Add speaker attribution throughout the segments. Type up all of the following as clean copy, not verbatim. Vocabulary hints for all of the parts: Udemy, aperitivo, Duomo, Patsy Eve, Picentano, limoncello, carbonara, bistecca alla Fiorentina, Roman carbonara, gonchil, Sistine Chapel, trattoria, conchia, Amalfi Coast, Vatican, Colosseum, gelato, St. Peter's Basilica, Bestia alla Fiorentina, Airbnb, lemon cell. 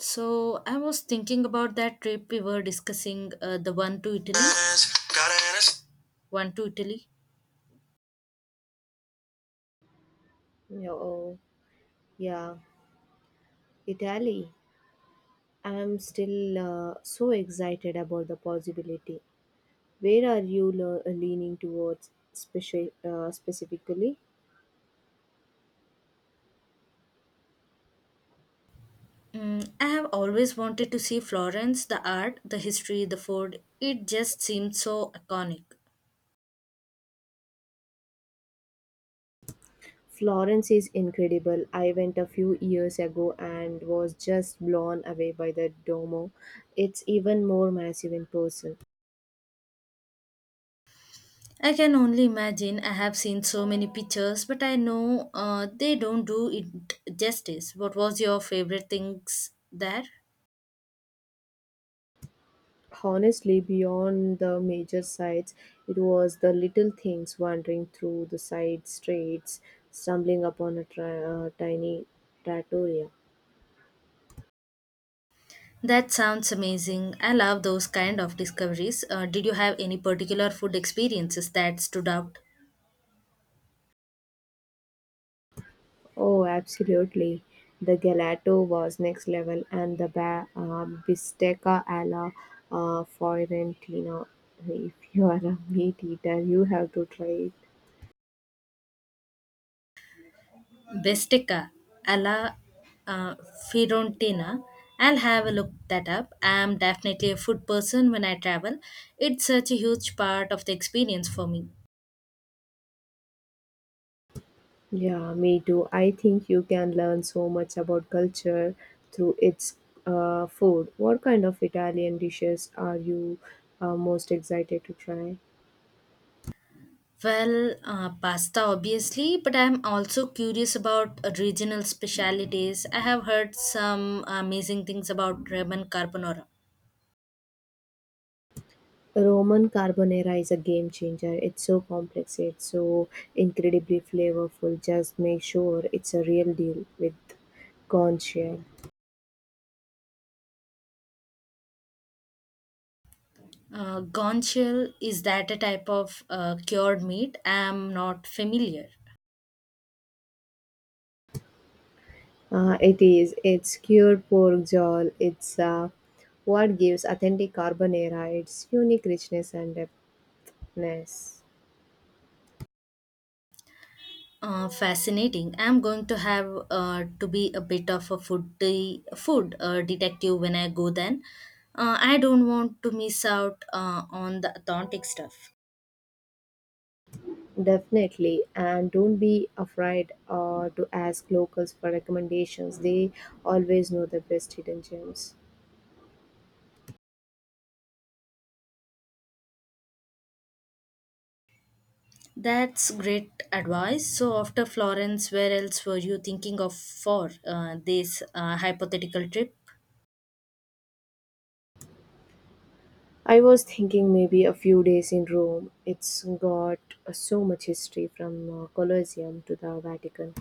Speaker 1: So I was thinking about that trip we were discussing, the one to Italy. One to Italy.
Speaker 2: No, oh, yeah, Italy. I'm still so excited about the possibility. Where are you leaning towards specifically?
Speaker 1: Mm, I have always wanted to see Florence, the art, the history, the food. It just seemed so iconic.
Speaker 2: Florence is incredible. I went a few years ago and was just blown away by the Duomo. It's even more massive in person.
Speaker 1: I can only imagine. I have seen so many pictures, but I know they don't do it justice. What was your favorite things there?
Speaker 2: Honestly, beyond the major sights, it was the little things wandering through the side streets, stumbling upon a tiny trattoria.
Speaker 1: That sounds amazing. I love those kind of discoveries. Did you have any particular food experiences that stood out?
Speaker 2: Oh, absolutely. The gelato was next level, and the bistecca alla Fiorentina. If you are a meat eater, you have to try it.
Speaker 1: Bestica alla uh, Fiorentina. I'll have a look that up. I'm definitely a food person when I travel. It's such a huge part of the experience for me.
Speaker 2: Yeah, me too. I think you can learn so much about culture through its food. What kind of Italian dishes are you most excited to try?
Speaker 1: Well, pasta obviously, but I'm also curious about regional specialities. I have heard some amazing things about Roman carbonara.
Speaker 2: Roman carbonara is a game changer. It's so complex, it's so incredibly flavorful. Just make sure it's a real deal with conchia.
Speaker 1: Gonchil, is that a type of cured meat? I'm not familiar.
Speaker 2: It is. It's cured pork jowl. It's what gives authentic carbonara its unique richness and depthness.
Speaker 1: Fascinating. I'm going to have to be a bit of a foodie, food detective when I go then. I don't want to miss out on the authentic stuff.
Speaker 2: Definitely, and don't be afraid to ask locals for recommendations. They always know the best hidden gems.
Speaker 1: That's great advice. So after Florence, where else were you thinking of for this hypothetical trip?
Speaker 2: I was thinking maybe a few days in Rome. It's got so much history from Colosseum to the Vatican.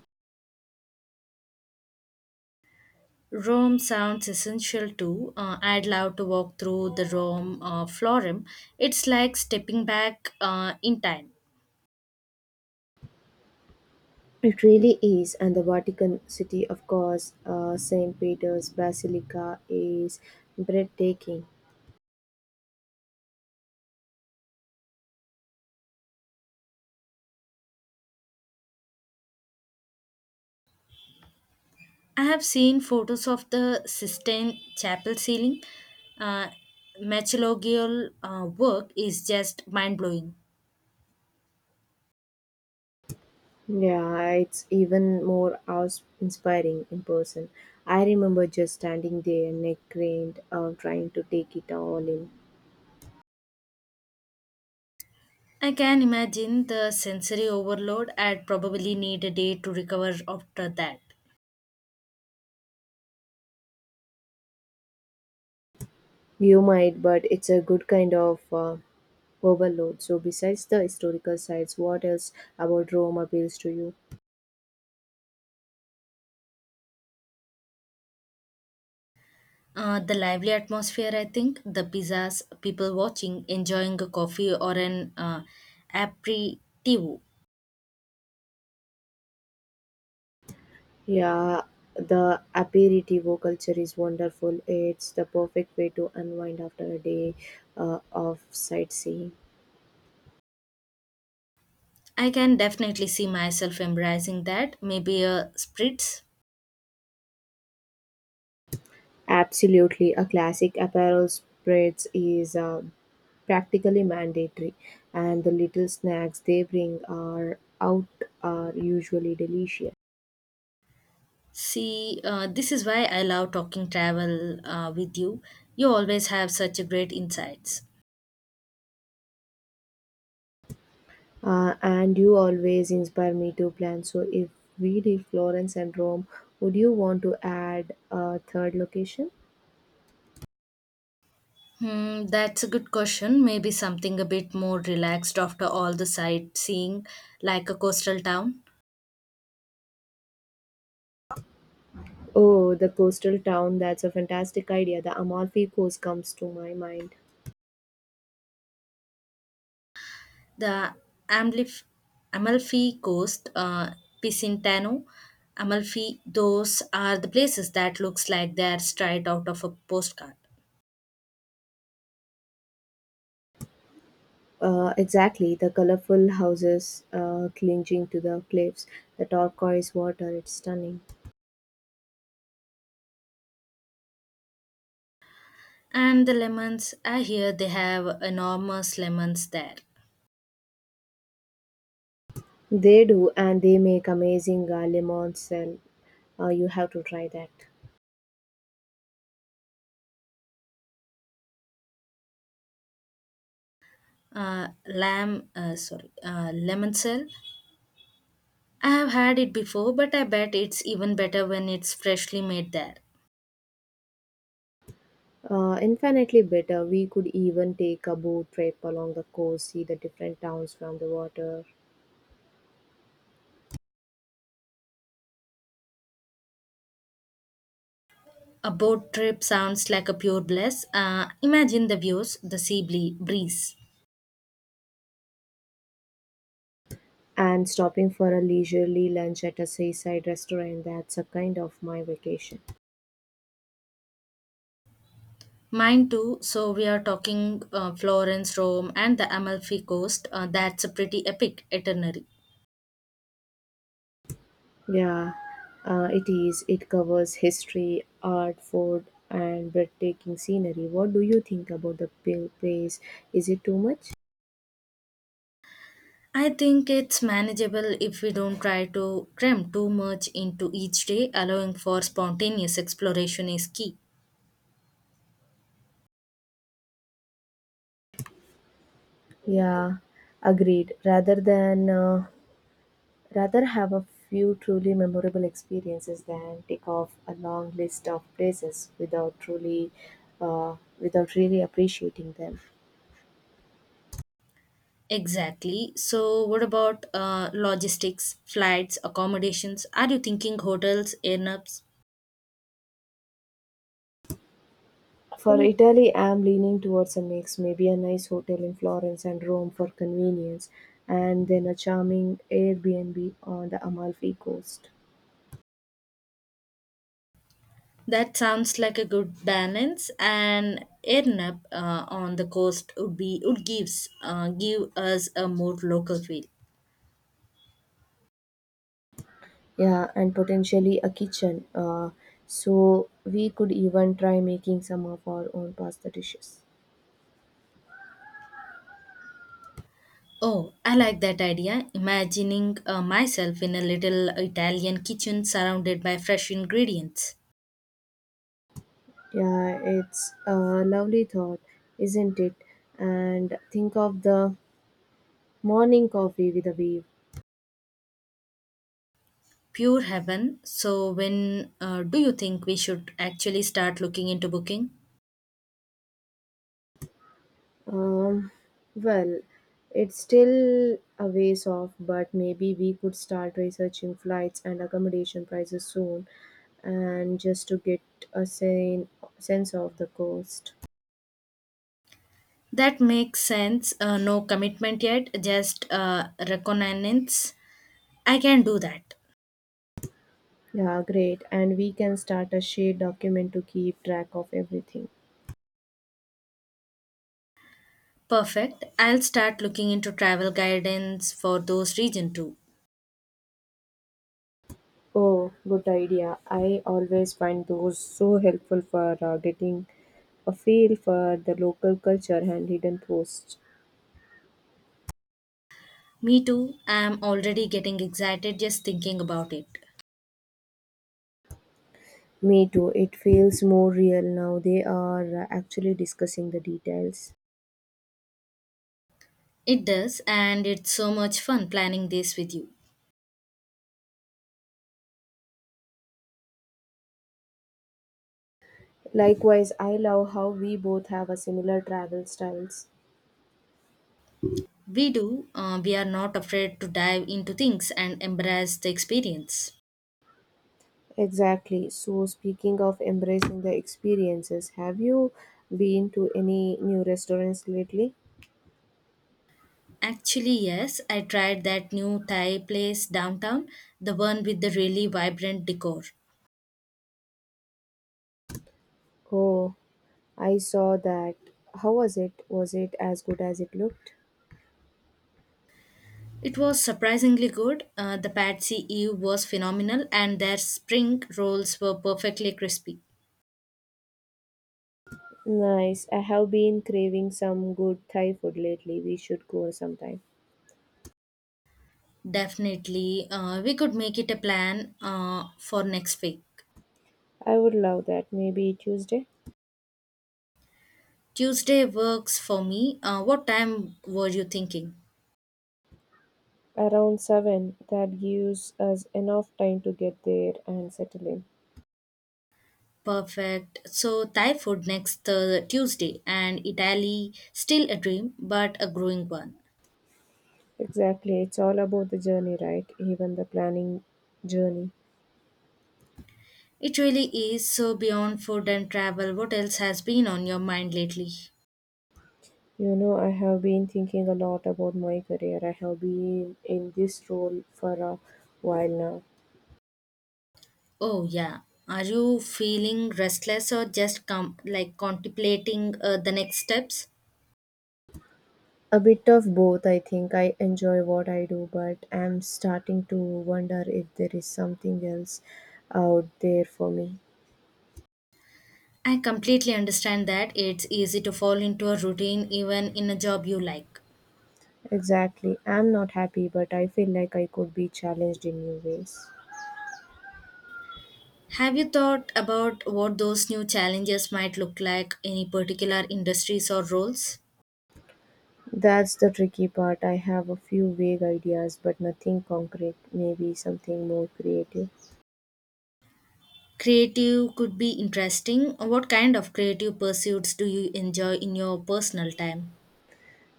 Speaker 1: Rome sounds essential too. I'd love to walk through the Rome Forum. It's like stepping back in time.
Speaker 2: It really is, and the Vatican City, of course, St. Peter's Basilica is breathtaking.
Speaker 1: I have seen photos of the Sistine Chapel ceiling. Uh, Metallurgical work is just mind blowing.
Speaker 2: Yeah, it's even more inspiring in person. I remember just standing there, neck craned, trying to take it all in.
Speaker 1: I can imagine the sensory overload. I'd probably need a day to recover after that.
Speaker 2: You might, but it's a good kind of overload. So, besides the historical sites, what else about Rome appeals to you?
Speaker 1: The lively atmosphere, I think, the pizzas, people watching, enjoying a coffee or an aperitivo.
Speaker 2: Yeah, the aperitivo culture is wonderful. It's the perfect way to unwind after a day of sightseeing.
Speaker 1: I can definitely see myself embracing that. Maybe a spritz.
Speaker 2: Absolutely, a classic apparel spreads is practically mandatory, and the little snacks they bring are out are usually delicious.
Speaker 1: See, this is why I love talking travel with you. You always have such a great insights.
Speaker 2: And you always inspire me to plan. So, if we did Florence and Rome, would you want to add a third location?
Speaker 1: Hmm, that's a good question. Maybe something a bit more relaxed after all the sightseeing, like a coastal town.
Speaker 2: Oh, the coastal town. That's a fantastic idea. The Amalfi Coast comes to my mind.
Speaker 1: The Amlif- Amalfi Coast, Picentano, Amalfi, those are the places that looks like they're straight out of a postcard.
Speaker 2: Exactly, the colorful houses clinging to the cliffs, the turquoise water, it's stunning.
Speaker 1: And the lemons, I hear they have enormous lemons there.
Speaker 2: They do, and they make amazing lemon cell. You have to try that.
Speaker 1: Lamb sorry lemon cell. I have had it before, but I bet it's even better when it's freshly made there.
Speaker 2: Infinitely better. We could even take a boat trip along the coast, see the different towns from the water,
Speaker 1: A boat trip sounds like a pure bliss. Imagine the views, the breeze.
Speaker 2: and stopping for a leisurely lunch at a seaside restaurant. That's a kind of my vacation.
Speaker 1: Mine too. So we are talking Florence, Rome, and the Amalfi Coast. That's a pretty epic itinerary.
Speaker 2: Yeah, it is. It covers history, art, food, and breathtaking scenery. What do you think about the place? Is it too much?
Speaker 1: I think it's manageable if we don't try to cram too much into each day, allowing for spontaneous exploration is key.
Speaker 2: Yeah, agreed. Rather have a few truly memorable experiences than take off a long list of places without truly without really appreciating them.
Speaker 1: Exactly. So, what about logistics, flights, accommodations? Are you thinking hotels, airnaps?
Speaker 2: For Italy, I'm leaning towards a mix, maybe a nice hotel in Florence and Rome for convenience, and then a charming Airbnb on the Amalfi coast.
Speaker 1: That sounds like a good balance. And airnap on the coast would give us a more local feel.
Speaker 2: Yeah, and potentially a kitchen. So we could even try making some of our own pasta dishes.
Speaker 1: Oh, I like that idea. Imagining myself in a little Italian kitchen surrounded by fresh ingredients.
Speaker 2: Yeah, it's a lovely thought, isn't it? And think of the morning coffee with a wave.
Speaker 1: Pure heaven. So, when do you think we should actually start looking into booking?
Speaker 2: Um, well, it's still a ways off, but maybe we could start researching flights and accommodation prices soon, and just to get a sense of the cost.
Speaker 1: That makes sense. No commitment yet, just reconnaissance. I can do that.
Speaker 2: Yeah, great. And we can start a shared document to keep track of everything.
Speaker 1: Perfect. I'll start looking into travel guidance for those region too.
Speaker 2: Oh, good idea. I always find those so helpful for getting a feel for the local culture and hidden posts.
Speaker 1: Me too. I'm already getting excited just thinking about it.
Speaker 2: Me too. It feels more real now. They are actually discussing the details.
Speaker 1: It does, and it's so much fun planning this with you.
Speaker 2: Likewise, I love how we both have a similar travel styles.
Speaker 1: We do. We are not afraid to dive into things and embrace the experience.
Speaker 2: Exactly. So, speaking of embracing the experiences, have you been to any new restaurants lately?
Speaker 1: Actually, yes, I tried that new Thai place downtown, the one with the really vibrant decor.
Speaker 2: Oh, I saw that. How was it? Was it as good as it looked?
Speaker 1: It was surprisingly good. The Patsy Eve was phenomenal, and their spring rolls were perfectly crispy.
Speaker 2: Nice. I have been craving some good Thai food lately. We should go sometime.
Speaker 1: Definitely, we could make it a plan for next week.
Speaker 2: I would love that. Maybe Tuesday?
Speaker 1: Tuesday works for me. What time were you thinking?
Speaker 2: Around seven, that gives us enough time to get there and settle in.
Speaker 1: Perfect. So, Thai food next Tuesday, and Italy still a dream, but a growing one.
Speaker 2: Exactly, it's all about the journey, right? Even the planning journey.
Speaker 1: It really is. So, beyond food and travel, what else has been on your mind lately?
Speaker 2: You know, I have been thinking a lot about my career. I have been in this role for a while now.
Speaker 1: Oh, yeah. Are you feeling restless or just like contemplating the next steps?
Speaker 2: A bit of both, I think. I enjoy what I do, but I'm starting to wonder if there is something else out there for me.
Speaker 1: I completely understand that it's easy to fall into a routine even in a job you like.
Speaker 2: Exactly. I'm not happy, but I feel like I could be challenged in new ways.
Speaker 1: Have you thought about what those new challenges might look like, any particular industries or roles?
Speaker 2: That's the tricky part. I have a few vague ideas, but nothing concrete. Maybe something more creative.
Speaker 1: Creative could be interesting. What kind of creative pursuits do you enjoy in your personal time?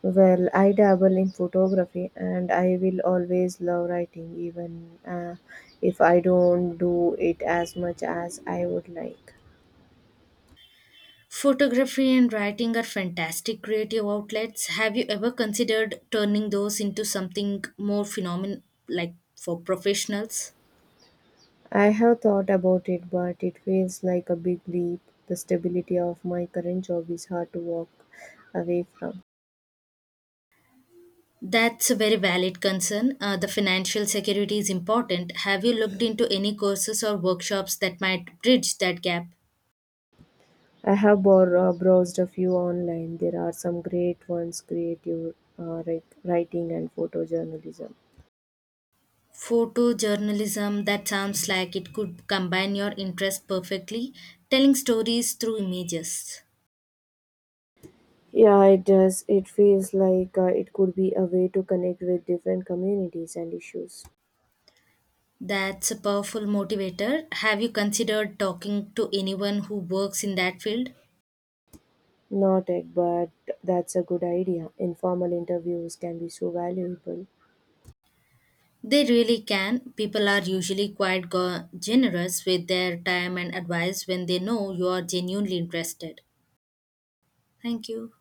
Speaker 2: Well, I dabble in photography and I will always love writing, even if I don't do it as much as I would like.
Speaker 1: Photography and writing are fantastic creative outlets. Have you ever considered turning those into something more phenomenal, like for professionals?
Speaker 2: I have thought about it, but it feels like a big leap. The stability of my current job is hard to walk away from.
Speaker 1: That's a very valid concern. The financial security is important. Have you looked into any courses or workshops that might bridge that gap?
Speaker 2: I have browsed a few online. There are some great ones, creative writing and photojournalism.
Speaker 1: Photojournalism, that sounds like it could combine your interest perfectly, telling stories through images.
Speaker 2: Yeah, it does. It feels like it could be a way to connect with different communities and issues.
Speaker 1: That's a powerful motivator. Have you considered talking to anyone who works in that field?
Speaker 2: Not tech, but that's a good idea. Informal interviews can be so valuable.
Speaker 1: They really can. People are usually quite generous with their time and advice when they know you are genuinely interested. Thank you.